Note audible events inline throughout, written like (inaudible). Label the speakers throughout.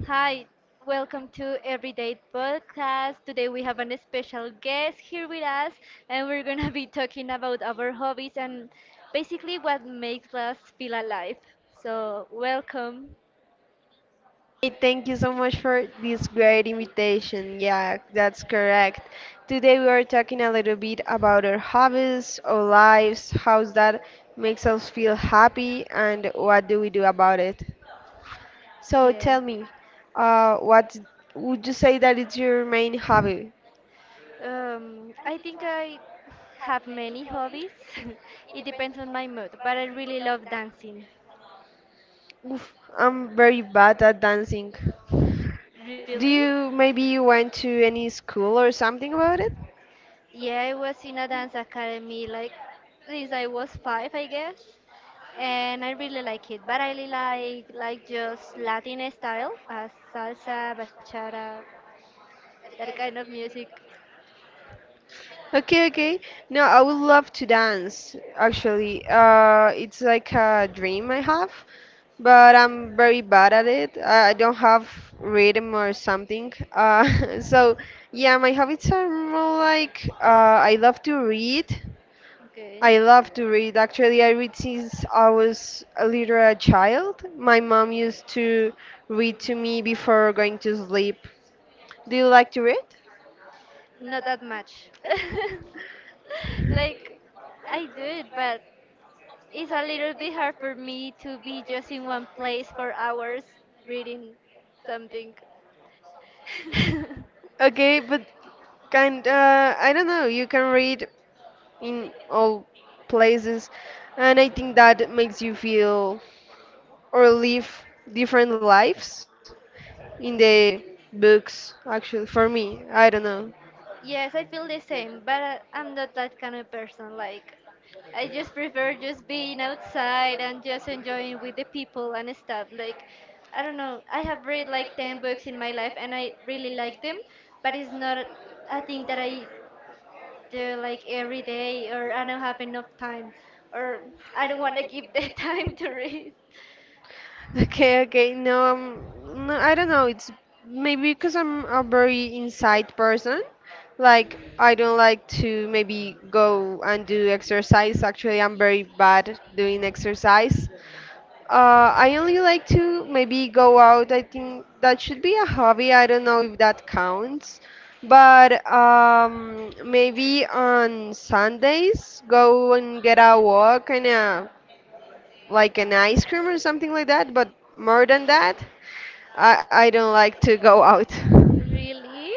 Speaker 1: Hi, welcome to Everyday Podcast. Today we have a special guest here with us, and we're gonna be talking about our hobbies and basically what makes us feel alive. So, welcome.
Speaker 2: Hey, thank you so much for this great invitation. Yeah, that's correct. Today we are talking a little bit about our hobbies, our lives, how that makes us feel happy, and what do we do about it. So
Speaker 1: Yeah.
Speaker 2: tell me, what would you say that is your main hobby?
Speaker 1: I think I have many hobbies. (laughs) It depends on my mood, but I really love dancing.
Speaker 2: Oof, I'm very bad at dancing.
Speaker 1: Really?
Speaker 2: Do you maybe you went to any school or something about it?
Speaker 1: Yeah, I was in a dance academy like since I was five, I guess, and I really like it. But I really like just Latin style, salsa, bachata, that kind of music.
Speaker 2: Okay, okay. No, I would love to dance, actually. It's like a dream I have, but I'm very bad at it. I don't have rhythm or something. (laughs) So yeah, my habits are more like I love to read.
Speaker 1: Okay.
Speaker 2: I love to read. Actually, I read since I was a child. My mom used to read to me before going to sleep. Do you like to read?
Speaker 1: Not that much. (laughs) Like, I do it, but it's a little bit hard for me to be just in one place for hours reading something. (laughs)
Speaker 2: Okay, but kind I don't know, you can read in all places, and I think that makes you feel or live different lives in the books actually for me. I don't know.
Speaker 1: Yes, I feel the same, but I'm not that kind of person. Like, I just prefer just being outside and just enjoying with the people and stuff. Like, I don't know. I have read like 10 books in my life and I really like them, but it's not a thing that I do like every day, or I don't have enough time, or I don't want to give the (laughs) time to read.
Speaker 2: (laughs) Okay, okay. No, no, I don't know. It's maybe because I'm a very inside person. Like I don't like to maybe go and do exercise. Actually, I'm very bad doing exercise. I only like to maybe go out. I think that should be a hobby. I don't know if that counts. But maybe on Sundays, go and get a walk and a, like an ice cream or something like that. But more than that, I don't like to go out. (laughs)
Speaker 1: Really?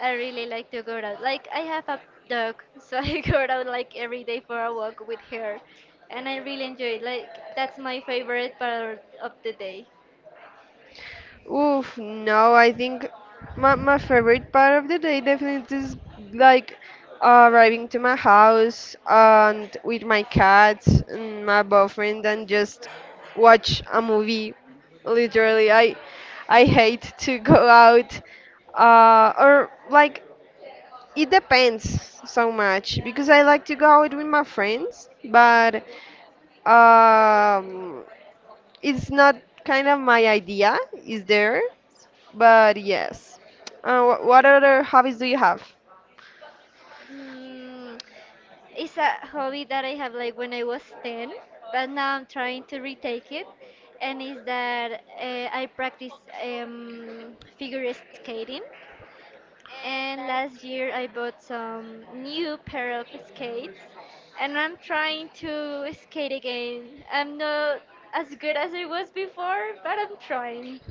Speaker 1: I really like to go out. Like, I have a dog, so (laughs) I go out like every day for a walk with her, and I really enjoy it. Like, that's my favorite part of the day.
Speaker 2: Oof, no, I think my favorite part of the day definitely is like arriving to my house and with my cats and my boyfriend and just watch a movie. Literally, I hate to (laughs) go out or like it depends so much because I like to go out with my friends, but um, it's not kind of my idea. Is there? But yes. What other hobbies do you have?
Speaker 1: Mm, it's a hobby that I have like when I was 10, but now I'm trying to retake it. And is that I practice figure skating. And last year I bought some new pair of skates and I'm trying to skate again. I'm not as good as I was before, but I'm trying.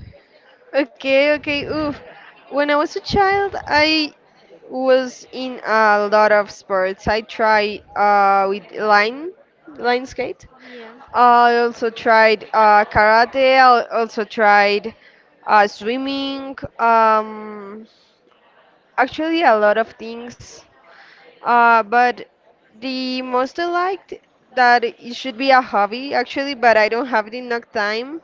Speaker 2: Okay, okay. Oof. When I was a child, I was in a lot of sports. I tried with line skate.
Speaker 1: Yeah.
Speaker 2: I also tried karate. I also tried swimming. Actually, a lot of things. But the most I liked that it should be a hobby actually, but I don't have it enough time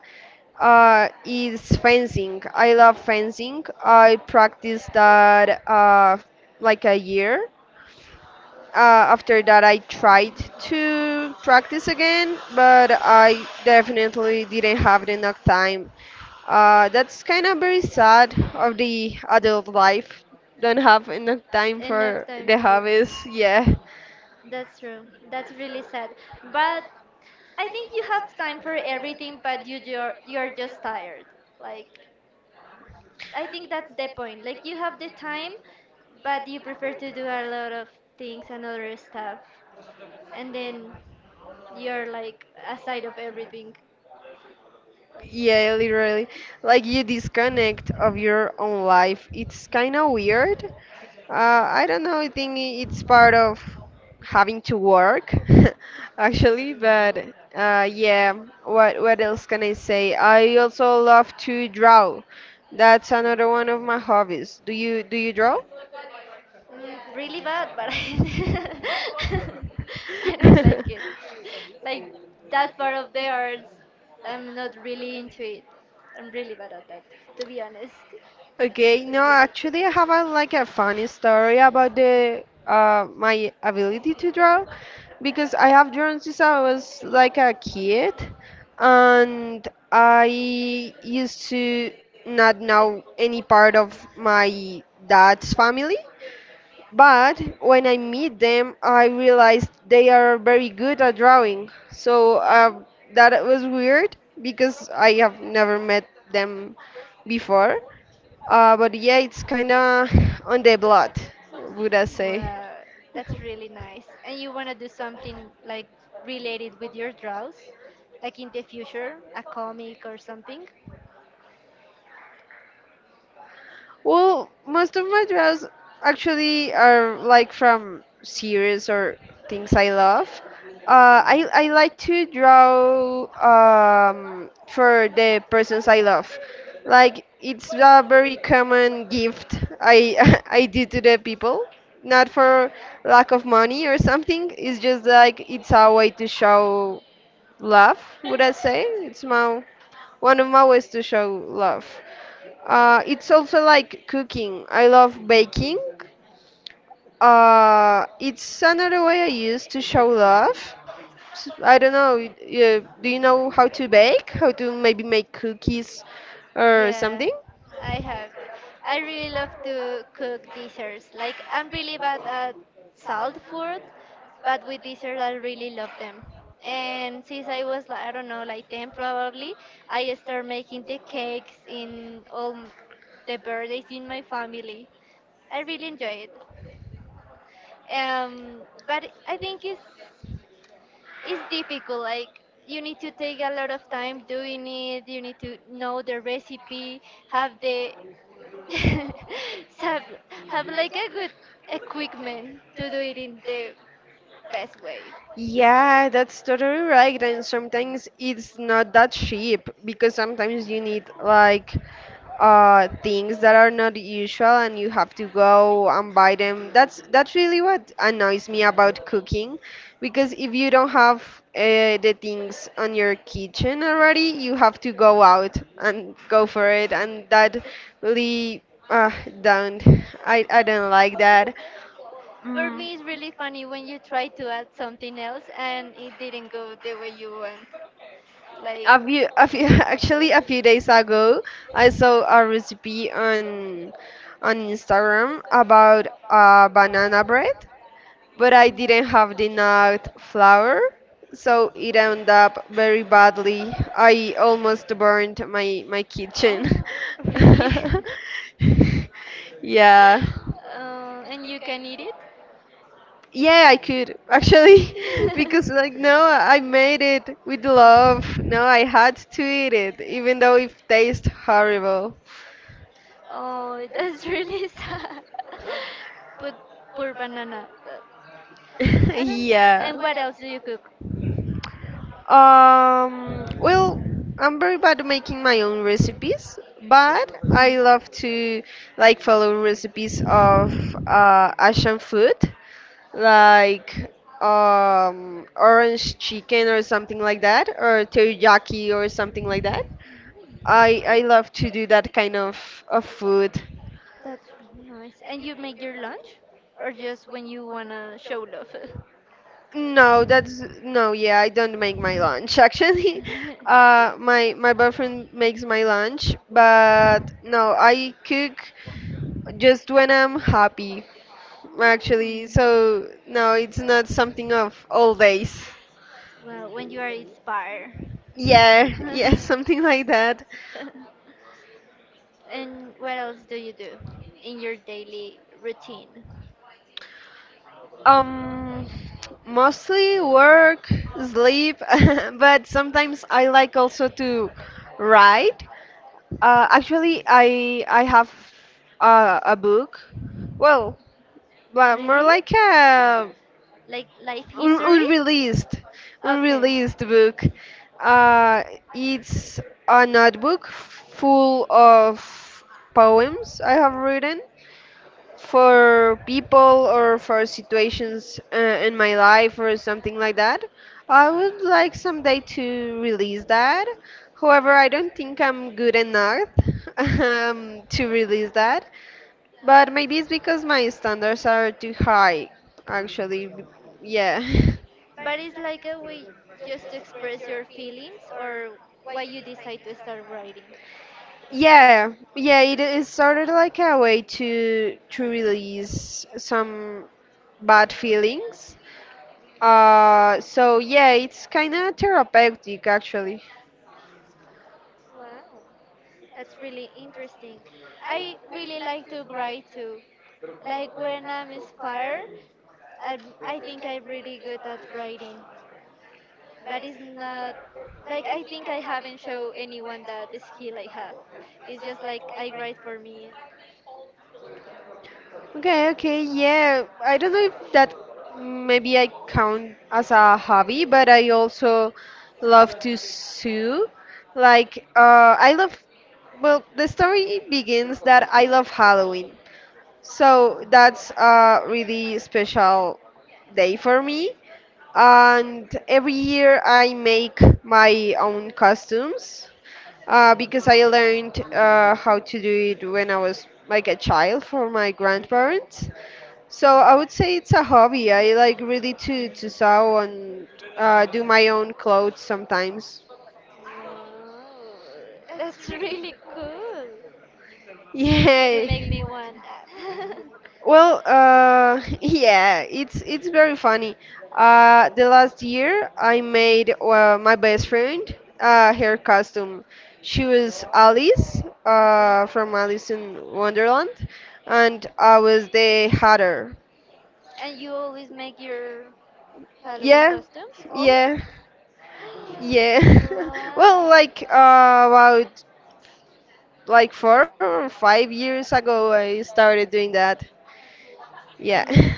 Speaker 2: is fencing. I love fencing. I practiced that like a year. Uh, After that, I tried to practice again, but I definitely didn't have enough time. That's kind of very sad of the adult life. Don't have enough time
Speaker 1: Enough
Speaker 2: for
Speaker 1: time
Speaker 2: the
Speaker 1: to do things.
Speaker 2: hobbies. Yeah.
Speaker 1: That's true. That's really sad. But I think you have time for everything, but you're just tired. Like, I think that's the point. Like, you have the time, but you prefer to do a lot of things and other stuff, and then you're like aside of everything.
Speaker 2: Yeah, literally. Like you disconnect of your own life. It's kind of weird. I don't know. It's part of having to work, (laughs) actually. But yeah, what else can I say? I also love to draw. That's another one of my hobbies. Do you draw?
Speaker 1: Mm, really bad, but (laughs) I don't like it. Like, that part of the arts,
Speaker 2: (laughs)
Speaker 1: I'm not really into it. I'm really bad at that, to be honest.
Speaker 2: Okay, no, actually, I have a, like a funny story about the my ability to draw because I have drawn since I was like a kid, and I used to not know any part of my dad's family. But when I meet them, I realized they are very good at drawing. So that was weird because I have never met them before. But yeah, it's kind of on the blood, would I say.
Speaker 1: Wow, that's really nice. And you want to do something like related with your draws, like in the future, a comic or something?
Speaker 2: Well, most of my draws actually are like from series or things I love. I like to draw for the persons I love. Like, it's a very common gift (laughs) I do to the people. Not for lack of money or something. It's just like it's a way to show love, would I say? It's my One of my ways to show love. It's also like cooking. I love baking. It's another way I use to show love. I don't know. Do you know how to bake? How to maybe make cookies or
Speaker 1: Yeah,
Speaker 2: something?
Speaker 1: I have. I really love to cook desserts. Like, I'm really bad at salt food, but with desserts, I really love them. And since I was, like, I don't know, like 10 probably, I started making the cakes in all the birthdays in my family. I really enjoy it. Um, but I think it's difficult. Like, you need to take a lot of time doing it, you need to know the recipe, have the (laughs) have, have like a good equipment to do it in the best way.
Speaker 2: Yeah, that's totally right. And sometimes it's not that cheap because sometimes you need like things that are not usual and you have to go and buy them. That's really what annoys me about cooking because if you don't have the things on your kitchen already, you have to go out and go for it, and that really uh don't I don't like that.
Speaker 1: For me it's really funny when you try to add something else and it didn't go the way you want. Like, mhm.
Speaker 2: (laughs) Actually, a few days ago, I saw a recipe on Instagram about banana bread, but I didn't have the nut flour, so it ended up very badly. I almost burned my kitchen.
Speaker 1: Oh, (laughs) really? (laughs)
Speaker 2: (laughs) Yeah.
Speaker 1: And you can eat it?
Speaker 2: Yeah, I could actually, (laughs) because like no, I made it with love. No, I had to eat it, even though it
Speaker 1: (laughs)
Speaker 2: tastes horrible. (laughs)
Speaker 1: Oh, that's really (laughs) sad. But poor banana. I don't.
Speaker 2: Yeah.
Speaker 1: And what else do you cook?
Speaker 2: Well, I'm very bad at making my own recipes, but I love to like follow recipes of Asian food, like orange chicken or something like that, or teriyaki or something like that. I love to do that kind of food.
Speaker 1: That's really nice. And you make your lunch, or just when you wanna show love? (laughs)
Speaker 2: No, that's no, yeah, I don't make my lunch (laughs) actually. My boyfriend makes my lunch, but no, I cook just when I'm happy actually.
Speaker 1: Mm.
Speaker 2: So no, it's not something of all days.
Speaker 1: Well, when you are inspired.
Speaker 2: Yeah,
Speaker 1: (laughs)
Speaker 2: yeah, (laughs) something like that.
Speaker 1: And what else do you do in your daily routine?
Speaker 2: Um, Mostly work, sleep, (laughs) but sometimes I like also to write. Actually, I have a book. Well, but more
Speaker 1: Really?
Speaker 2: like a
Speaker 1: Like life
Speaker 2: un-
Speaker 1: history?
Speaker 2: unreleased,
Speaker 1: Okay.
Speaker 2: unreleased book. Uh, it's a notebook full of poems I have written, for people or for situations in my life or something like that. I would like someday to release that. However, I don't think I'm good enough (laughs) to release that. But maybe it's because my standards are too high, actually. Yeah. (laughs)
Speaker 1: But it's like a way just to express your feelings, or why you decide to start writing.
Speaker 2: Yeah, yeah, it started like a way to release some bad feelings. So yeah, it's kind of therapeutic actually.
Speaker 1: Wow, that's really interesting. I really like to write too. Like, when I'm inspired, I, I think I'm really good at writing. But it's not like, I think I haven't shown anyone that the skill I have. It's just like I write for me.
Speaker 2: Okay, okay, yeah. I don't know if that maybe I count as a hobby, but I also love to sew. Like,
Speaker 1: The
Speaker 2: well,
Speaker 1: second
Speaker 2: the story
Speaker 1: thing is
Speaker 2: begins that
Speaker 1: that
Speaker 2: I
Speaker 1: I
Speaker 2: love
Speaker 1: love coffee,
Speaker 2: Halloween.
Speaker 1: so
Speaker 2: So
Speaker 1: that's a
Speaker 2: that's a
Speaker 1: special
Speaker 2: really special day for me.
Speaker 1: hobby.
Speaker 2: And every
Speaker 1: Every year,
Speaker 2: year I
Speaker 1: I make
Speaker 2: make
Speaker 1: my
Speaker 2: my
Speaker 1: own
Speaker 2: own
Speaker 1: custom
Speaker 2: costumes
Speaker 1: because
Speaker 2: because
Speaker 1: I
Speaker 2: I
Speaker 1: learned
Speaker 2: learned
Speaker 1: from my
Speaker 2: how
Speaker 1: childhood.
Speaker 2: to do it when I was like a child for my grandparents.
Speaker 1: So
Speaker 2: So I
Speaker 1: I'm
Speaker 2: would say it's a
Speaker 1: to
Speaker 2: hobby.
Speaker 1: hobby
Speaker 2: I like really
Speaker 1: I
Speaker 2: to sew and do my own clothes sometimes.
Speaker 1: wow, that's really cool.
Speaker 2: (laughs)
Speaker 1: You need to
Speaker 2: Yeah.
Speaker 1: make me one. (laughs)
Speaker 2: Well, (laughs) yeah, it's very funny. The last year, I made my best friend her costume. She was Alice
Speaker 1: Okay.
Speaker 2: from Alice in Wonderland, and I was the Hatter.
Speaker 1: And you always make your Halloween
Speaker 2: Yeah,
Speaker 1: costumes? Always?
Speaker 2: yeah,
Speaker 1: (gasps)
Speaker 2: yeah. (laughs) Well,
Speaker 1: Wow.
Speaker 2: like about like 4 or 5 years ago, I started doing that. Yeah.
Speaker 1: And
Speaker 2: (laughs)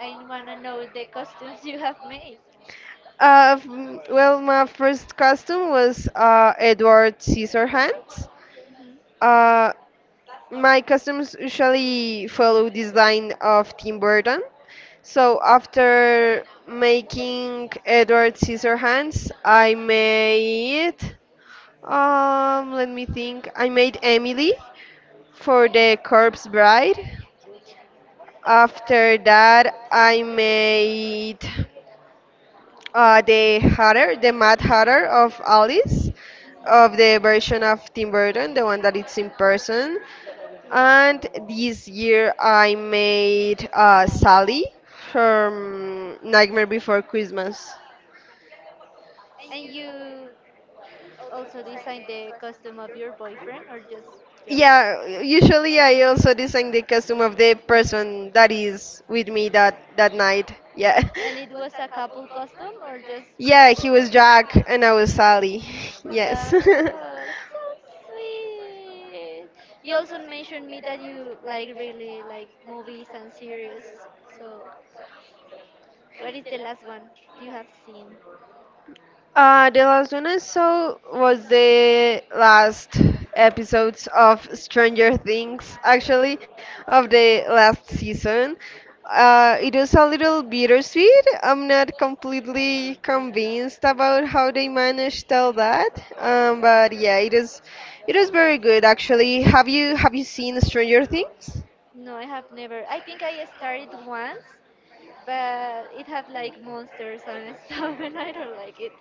Speaker 1: I wanna know the costumes you have made.
Speaker 2: Well, my first costume was Edward Scissorhands.
Speaker 1: Mhm. Mhm.
Speaker 2: Uh, my costumes usually follow this line of Tim Burton. So after making Edward Scissorhands, I made. Let me think. I made Emily for the Corpse Bride. After that, I made. The Hatter, the Mad Hatter of Alice, of the version of Tim Burton, the one that it's in person.
Speaker 1: Yeah.
Speaker 2: And this year I made Sally from Nightmare Before Christmas.
Speaker 1: And you also design the costume of your boyfriend, or just yours?
Speaker 2: Yeah, usually I also design the costume of the person that is with me that night. Yeah.
Speaker 1: And it was a
Speaker 2: (laughs)
Speaker 1: couple costume, or just
Speaker 2: Yeah,
Speaker 1: a
Speaker 2: he was
Speaker 1: different one?
Speaker 2: Jack and I was Sally. (laughs) Yes.
Speaker 1: Oh, so
Speaker 2: (laughs)
Speaker 1: sweet. You also mentioned me that you like really like movies and series. So, what is the last one you have seen?
Speaker 2: The last one I saw was the last episodes of Stranger Things, actually, of the last season. It was a little bittersweet. I'm not completely convinced about how they managed all that, but yeah, it is very good actually. Have you seen Stranger Things?
Speaker 1: No, I have never. I think I started once, but it had like monsters and (laughs) stuff, and I don't like it.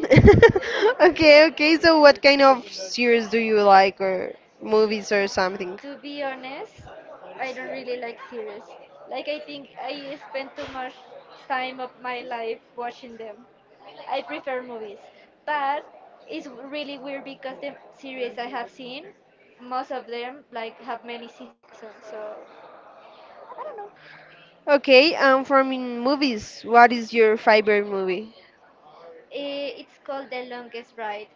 Speaker 2: (laughs)
Speaker 1: (laughs)
Speaker 2: Okay, okay. So what kind of series do you like, or movies or something?
Speaker 1: To be honest, I don't really like series. Like, I think I spend too much time of my life watching them. I prefer movies, but it's really weird because the series I have seen, most of them like have many seasons. So I don't know.
Speaker 2: Okay, from in movies, what is your favorite movie?
Speaker 1: Eh, it's called The Longest Ride.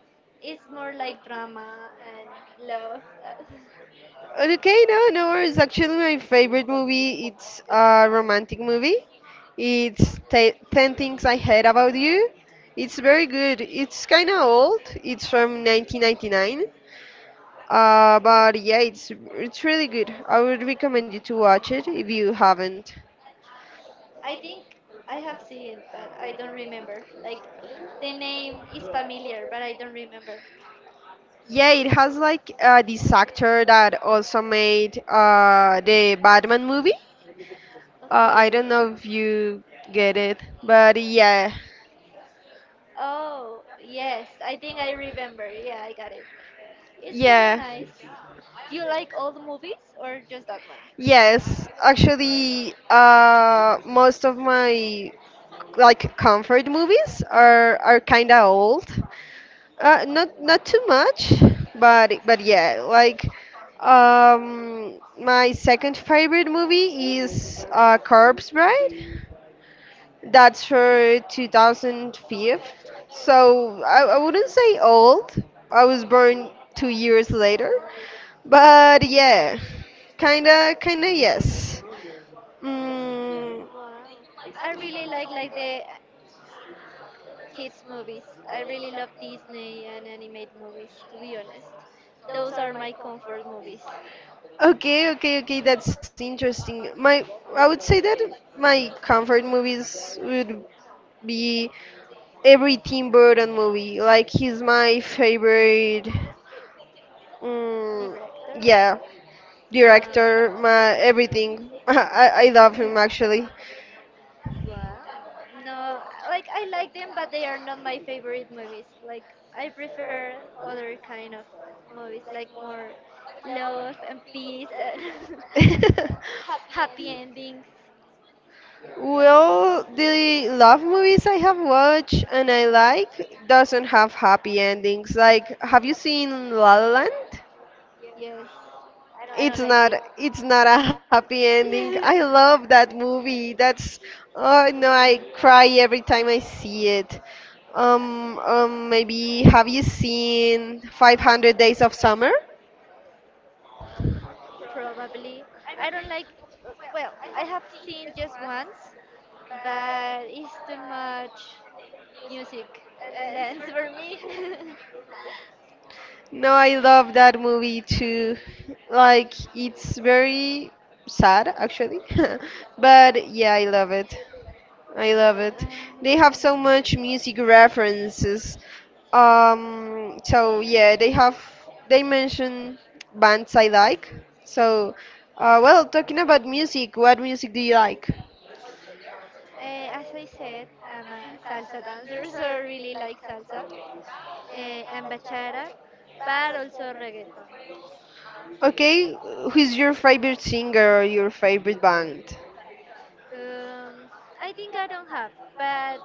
Speaker 1: It's more like drama and love. (laughs)
Speaker 2: Okay, no, no worries. Actually, my favorite movie it's a romantic movie. Ten Things I Hate About You. It's very good. It's kind of old. It's from 1999. But yeah, it's really good. I would recommend you to watch it if you haven't.
Speaker 1: I think I have seen it, but I don't remember. Like, the name is familiar, but I don't remember.
Speaker 2: Yeah, it has like this actor that also made the Batman movie. I don't
Speaker 1: Okay.
Speaker 2: know if you get it, but yeah,
Speaker 1: Oh, yes, I think I remember. Yeah, I got it. It's really
Speaker 2: yeah,
Speaker 1: nice. Do you like old movies, or just that one?
Speaker 2: yes. Actually, most of my like comfort movies are kind of old. Not not too much, but yeah, like my second favorite movie is Corpse Bride. That's for 2005. So I wouldn't say old. I was born 2 years later. But yeah, kinda, kinda yes. Mm,
Speaker 1: Wow. I really like the kids movies. I really love Disney and animated movies, to be honest. Those are my comfort movies.
Speaker 2: okay, okay, okay. That's interesting. I would say that my comfort movies would be every Tim Burton movie. Like he's my favorite. Mm,
Speaker 1: Director?
Speaker 2: yeah,
Speaker 1: Wow.
Speaker 2: director, my everything. (laughs) I love him actually.
Speaker 1: Wow. No, like, I like them, but they are not my favorite movies. Like, I prefer other kind of movies, like more love and peace and
Speaker 2: (laughs)
Speaker 1: (laughs) happy endings. Yeah.
Speaker 2: Well, the love movies I have watched and I like doesn't have happy endings. Like, have you seen La La Land?
Speaker 1: Yes. I don't
Speaker 2: It's
Speaker 1: like
Speaker 2: not it's not a happy ending. I
Speaker 1: it.
Speaker 2: love that movie.
Speaker 1: (laughs)
Speaker 2: That's oh no, I cry every time I see it.
Speaker 1: Uh,
Speaker 2: Maybe have you seen 500 Days of Summer?
Speaker 1: probably. I don't like, well, I have seen just once, but it's too much music and dance for me. (laughs)
Speaker 2: No, I love that movie too. Like, it's very sad actually, (laughs) but yeah, I love it. I love it. They have so much music references. So yeah, they have they mention bands I like. So, talking about music, what music do you like?
Speaker 1: No. As I said, I'm a salsa dancer, (laughs) so I really like salsa, and bachata, but also reggaeton.
Speaker 2: Okay, who's your favorite singer or your favorite band?
Speaker 1: Um, I think I don't have, but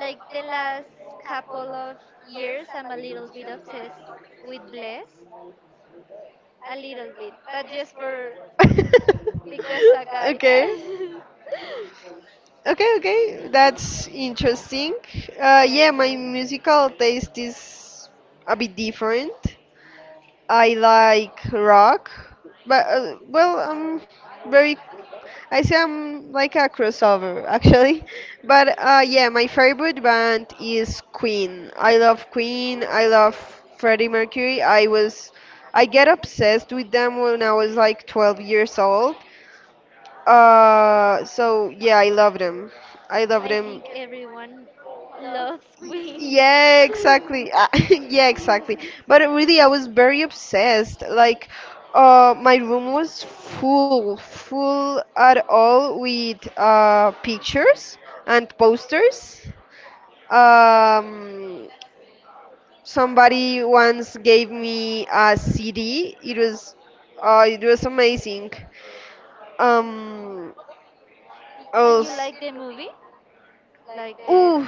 Speaker 1: like the last couple of years, I'm a little bit obsessed with Bless, a little bit, but just for because a
Speaker 2: (laughs)
Speaker 1: guy.
Speaker 2: Okay.
Speaker 1: (laughs)
Speaker 2: Okay, okay, that's interesting.
Speaker 1: Yeah,
Speaker 2: Yeah,
Speaker 1: I
Speaker 2: my
Speaker 1: know.
Speaker 2: musical taste is a bit different. I like rock, but I'm very. I say I'm like a crossover actually, (laughs) but yeah, my favorite band is Queen. I love Queen. I love Freddie Mercury. I get obsessed with them when I was like 12 years old, so yeah, I loved him. I
Speaker 1: I
Speaker 2: loved
Speaker 1: think
Speaker 2: him.
Speaker 1: everyone loves Queen.
Speaker 2: Yeah, exactly. (laughs) yeah, exactly. But really, I was very
Speaker 1: (laughs)
Speaker 2: obsessed. Like, my room was full, full
Speaker 1: We
Speaker 2: at all with pictures and posters. Um, Somebody once gave me a CD. It was it was amazing. Um,
Speaker 1: and you like
Speaker 2: also.
Speaker 1: the movie? Like the
Speaker 2: Ooh,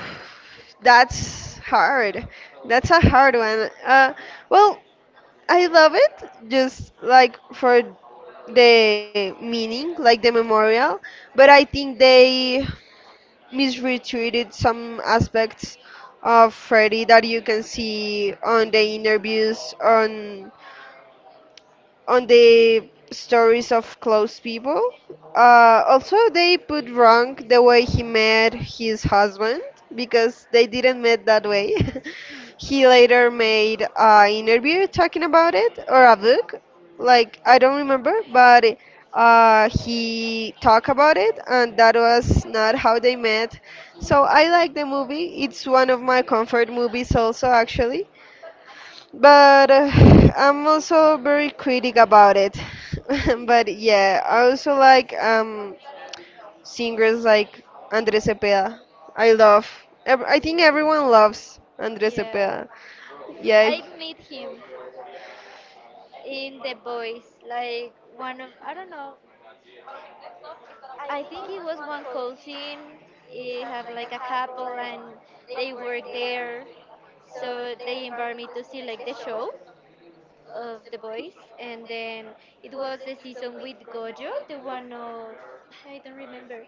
Speaker 2: that's hard. That's a hard one. Well, I love it just like for the meaning, like the memorial, but I think they misretreated some aspects of Freddy that you can see on the interviews on the stories of close people. Also, they put wrong the way he met his husband because they didn't met that way.
Speaker 1: hmm,
Speaker 2: (laughs) he later made an interview talking about it or a book, like I don't remember, but he talked about it, and that was not how they met. So I like the movie. It's one of my comfort movies, also actually, but (sighs) I'm also very critic about it. (laughs) but yeah, I also like singers like Andres Cepeda. I love. I
Speaker 1: I
Speaker 2: think
Speaker 1: love like him
Speaker 2: everyone
Speaker 1: too.
Speaker 2: loves
Speaker 1: Yeah.
Speaker 2: Andres
Speaker 1: Yeah.
Speaker 2: Cepeda. Yeah.
Speaker 1: I met him in The Boys. Like, one of I don't know. I think it was one cousin. He have like a couple and they work there. So they invite me to see like the show of the boys, and then it was the season with Gojo, the one of I don't remember.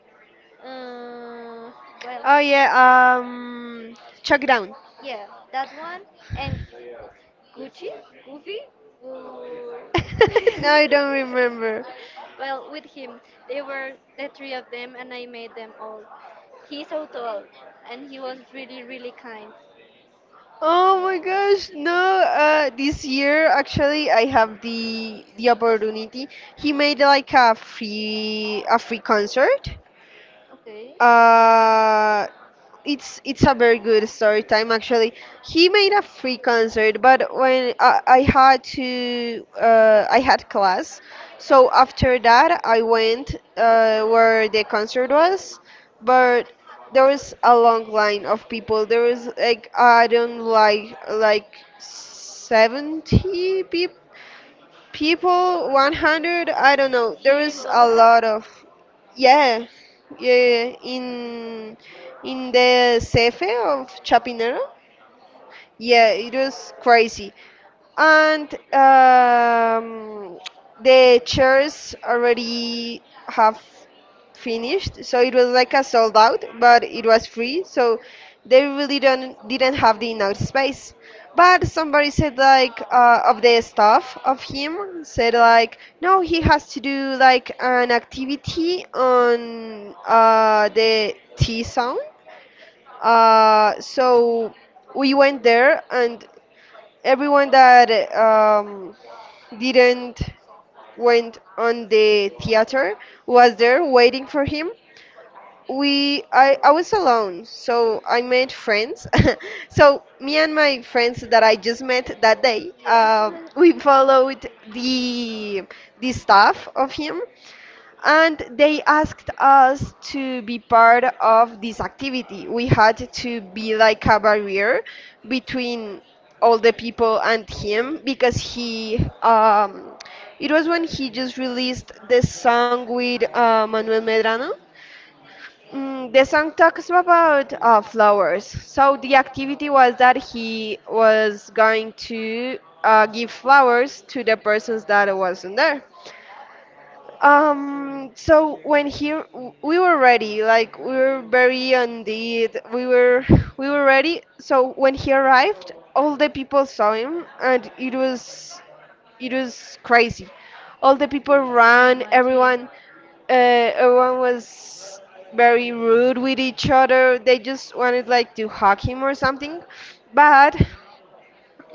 Speaker 1: Uh, well,
Speaker 2: Oh yeah. Um, Chuck Down.
Speaker 1: yeah, that one and Gucci, Goofy, Gu- (laughs) I
Speaker 2: (laughs) no, I
Speaker 1: don't
Speaker 2: don't
Speaker 1: remember.
Speaker 2: remember.
Speaker 1: Well, with him, they were the three of them, and I made them all. He's so tall, and he was really, really kind.
Speaker 2: Oh my gosh, no. This year actually I have the opportunity. He made like a free concert.
Speaker 1: Okay.
Speaker 2: Uh, it's it's a very good story time actually. He made a free concert, but I had to I had class, so after that I went where the concert was, but there was a long line of people. There was like, I don't like 70 people, 100, I don't know,
Speaker 1: Here
Speaker 2: there
Speaker 1: in
Speaker 2: is a
Speaker 1: Bogota?
Speaker 2: lot of. Yeah. Yeah, yeah, yeah. In the cefe of chapinero. Yeah, it was crazy. And the chairs already have finished, so it was like a sold out, but it was free, so they really don't didn't have the enough space. But somebody said like, of the staff of him said like, no, he has to do like an activity on the T zone. So we went there and everyone that um, didn't went on the theater was there waiting for him. I was alone, so I made friends. (laughs) So me and
Speaker 1: (laughs)
Speaker 2: my friends that I just met that day,
Speaker 1: Yeah.
Speaker 2: we followed the staff of him, and they asked us to be part of this activity. We had to be like a barrier between all the people and him, because he it was when he just released this song with manuel medrano. Mm, the song talks about flowers. So the activity was that he was going to give flowers to the persons that wasn't there. So we were ready, like we were very indeed, we were ready. So when he arrived, all the people saw him, and it was crazy. All the people
Speaker 1: (laughs)
Speaker 2: ran.
Speaker 1: Imagine. Apartment.
Speaker 2: Everyone, uh, everyone was very rude with each other. They just wanted like to hug him or something, but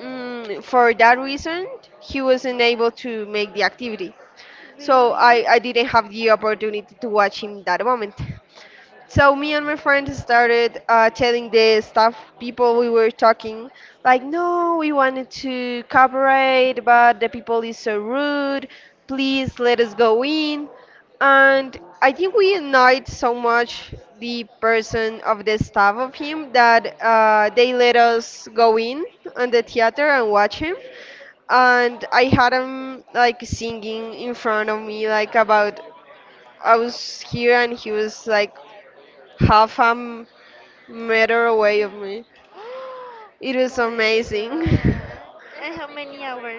Speaker 2: mm, for that reason, he wasn't able to make the activity, so I didn't have the opportunity to watch him that moment. So me and my friend started telling the staff people. We were talking like, no, we wanted to cooperate, but the people is so rude. Please let us go in. And I think we annoyed so
Speaker 1: (gasps)
Speaker 2: much the person of the staff of him that they let us go in on the theater and watch him. And I had him like singing in front of me, like about I was here and he was like half a meter away of me. It was
Speaker 1: My
Speaker 2: amazing.
Speaker 1: god.
Speaker 2: (laughs)
Speaker 1: And how many hours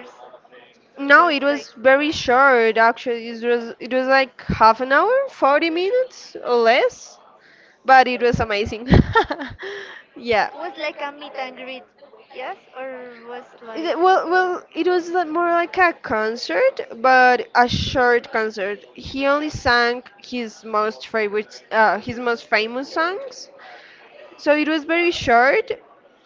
Speaker 1: was
Speaker 2: No, it
Speaker 1: like
Speaker 2: was very short actually. It was like half an hour, 40 minutes or less, but it was amazing. (laughs) yeah.
Speaker 1: was like a meet and greet? Yes, or was
Speaker 2: It-
Speaker 1: like
Speaker 2: Well, well, more like a concert, but a short concert. He only sang his most favorite, his most famous songs. So it was very short,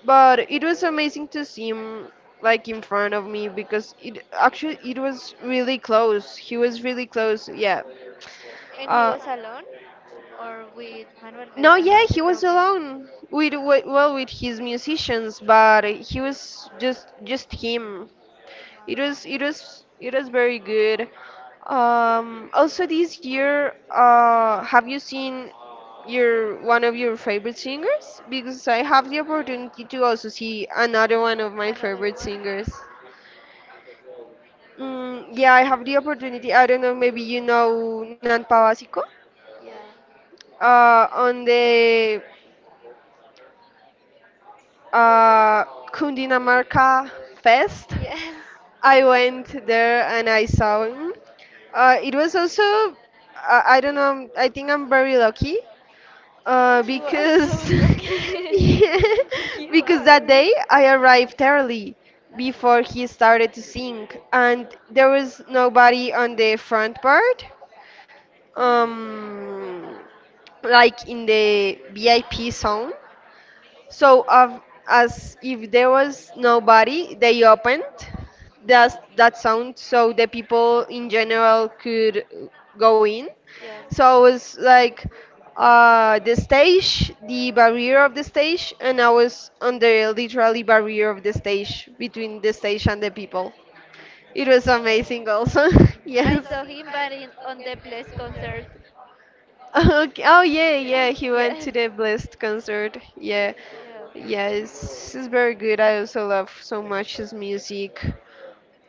Speaker 2: but it was amazing to see him like in front of me, because it actually it was really close. He was really close. Yeah.
Speaker 1: and he
Speaker 2: Uh,
Speaker 1: was alone or with Manuel
Speaker 2: no,
Speaker 1: Medrano,
Speaker 2: yeah,
Speaker 1: as
Speaker 2: he
Speaker 1: you
Speaker 2: was
Speaker 1: tell me.
Speaker 2: alone with, well, with his musicians, but he was just him. It was very good. Also this year, have you seen your one of your favorite singers? Because I have the opportunity to also see another one of my
Speaker 1: Another
Speaker 2: favorite
Speaker 1: one?
Speaker 2: singers. Mm, yeah, I have the opportunity. I don't know, maybe you know Nan Pavasico?
Speaker 1: Yeah.
Speaker 2: On the uh, Cundinamarca Fest.
Speaker 1: Yes. (laughs)
Speaker 2: (laughs) I went there and I saw him. It was also, I don't know, I think I'm very lucky,
Speaker 1: You are so
Speaker 2: because
Speaker 1: lucky.
Speaker 2: (laughs) yeah,
Speaker 1: (laughs) You
Speaker 2: because
Speaker 1: are.
Speaker 2: that day I arrived early before he started to sing, and there was nobody on the front part, um, like in the VIP zone. So, of, as if there was nobody, they opened that sound so the people in general could go in.
Speaker 1: Yeah.
Speaker 2: So I was like the stage, the barrier of the stage, and I was on the literally barrier of the stage between the stage and the people. It was amazing, also. (laughs)
Speaker 1: I
Speaker 2: yes.
Speaker 1: saw him, but in, on the Bless concert.
Speaker 2: Okay. Oh yeah, yeah.
Speaker 1: Yes.
Speaker 2: He went to the Blessed concert. Yeah,
Speaker 1: Yeah.
Speaker 2: yeah. It's very good. I also love so much his music,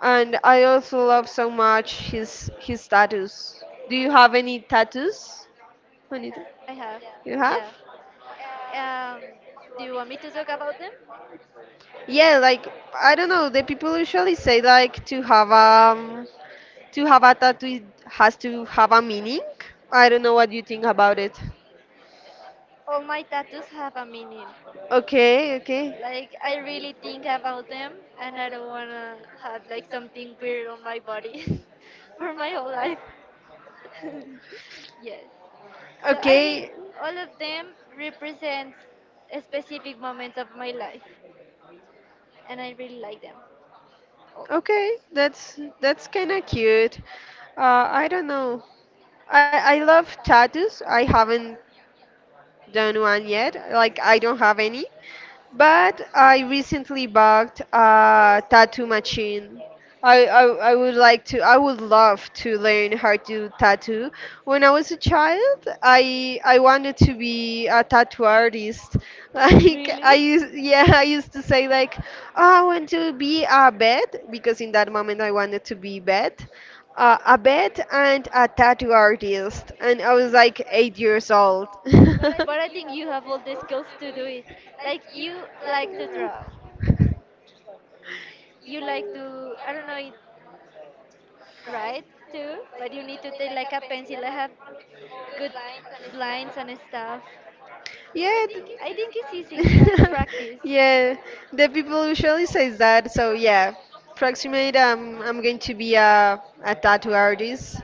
Speaker 2: and I also love so much his tattoos. Do you have any tattoos?
Speaker 1: I
Speaker 2: Any
Speaker 1: have. Yeah.
Speaker 2: you have?
Speaker 1: Um, do you want me to talk about them?
Speaker 2: Yeah, like, I don't know. The people usually say like to have a tattoo has to have a meaning. I don't know what you think about it.
Speaker 1: All my tattoos have a meaning.
Speaker 2: Okay, okay.
Speaker 1: Like, I
Speaker 2: (laughs)
Speaker 1: really think about them, and I don't wanna have like something weird on my body (laughs) for my whole life. (laughs) Yes. So I think
Speaker 2: Okay,
Speaker 1: all of them represents a specific moments of my life, and I really like them.
Speaker 2: okay, that's kind of cute. I don't know. I love tattoos. I haven't done one yet. Like, I don't have any, but I recently bought a tattoo machine. I, I I would like to, I would love to learn how to tattoo. When I
Speaker 1: All.
Speaker 2: was a child, I wanted to be a tattoo artist. (laughs) Like
Speaker 1: Really?
Speaker 2: I used Yeah, I used to say like, "Oh, I want to be a vet," because in that moment I wanted to be vet. A vet and a tattoo artist. And I was like 8 years old. (laughs)
Speaker 1: But
Speaker 2: But I
Speaker 1: I
Speaker 2: think
Speaker 1: think
Speaker 2: you
Speaker 1: you
Speaker 2: have
Speaker 1: have
Speaker 2: all
Speaker 1: all
Speaker 2: the
Speaker 1: the
Speaker 2: skills
Speaker 1: skills to
Speaker 2: to do
Speaker 1: do it.
Speaker 2: it. Like,
Speaker 1: Like,
Speaker 2: you
Speaker 1: you
Speaker 2: like
Speaker 1: like to draw.
Speaker 2: to draw.
Speaker 1: You like to I don't know it write too, but you need to take like a pencil and have good lines and stuff.
Speaker 2: Yeah.
Speaker 1: I think it's easy. It's just practice.
Speaker 2: (laughs) Yeah. The people usually say that. So yeah, approximate. I'm going to be a tattoo artist.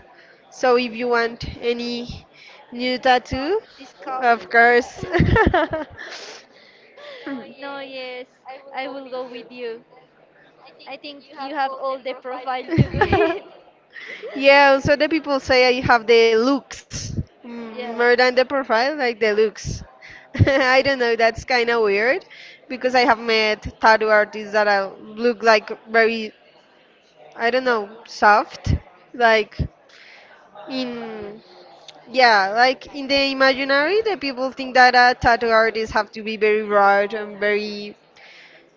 Speaker 2: So if you want any new tattoo,
Speaker 1: Discount.
Speaker 2: of course. (laughs)
Speaker 1: (laughs) No, yes, I will go with you. I think you have all the profile to do
Speaker 2: Mm.
Speaker 1: it.
Speaker 2: (laughs) Yeah, also the people say I have the looks,
Speaker 1: (laughs)
Speaker 2: mm, more
Speaker 1: Yeah,
Speaker 2: than the profile, like the looks. (laughs)
Speaker 1: that's
Speaker 2: I
Speaker 1: true.
Speaker 2: don't know, that's kind of weird, because I have met tattoo artists that I look like very, I don't know, soft. Like in, yeah, like in the imaginary, the people think that tattoo artists have to be very rude and very,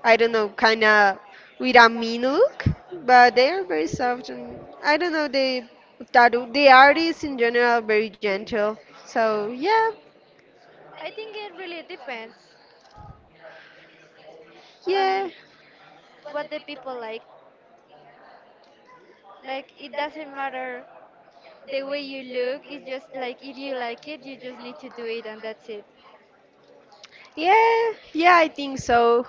Speaker 2: I don't know, kind of with a mean look, but they are very soft, and I don't know, they tattoo the artists in general are very gentle. So yeah,
Speaker 1: I think it really depends
Speaker 2: yeah,
Speaker 1: on what the people like. Like, it doesn't matter the way you look. Is just like if you like it, you just need to do it and that's it.
Speaker 2: yeah, I think so.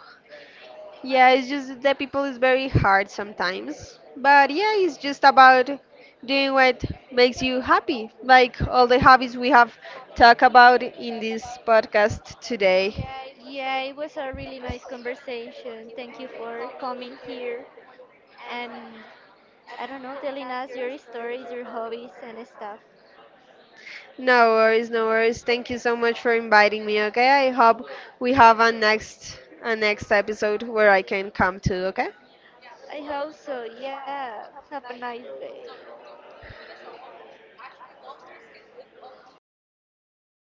Speaker 2: Yeah, it's just that the people is very hard sometimes. But yeah, it's just about doing what makes you happy, like all the hobbies we have talked about in this podcast today.
Speaker 1: Yeah, it was a really nice conversation. Thank you for coming here and I don't know, telling us your stories, your hobbies and stuff.
Speaker 2: No worries, no worries. Thank you so much for inviting me, okay? I hope we have a next episode where I can come too. Okay?
Speaker 1: I hope so. Yeah. Have a nice day.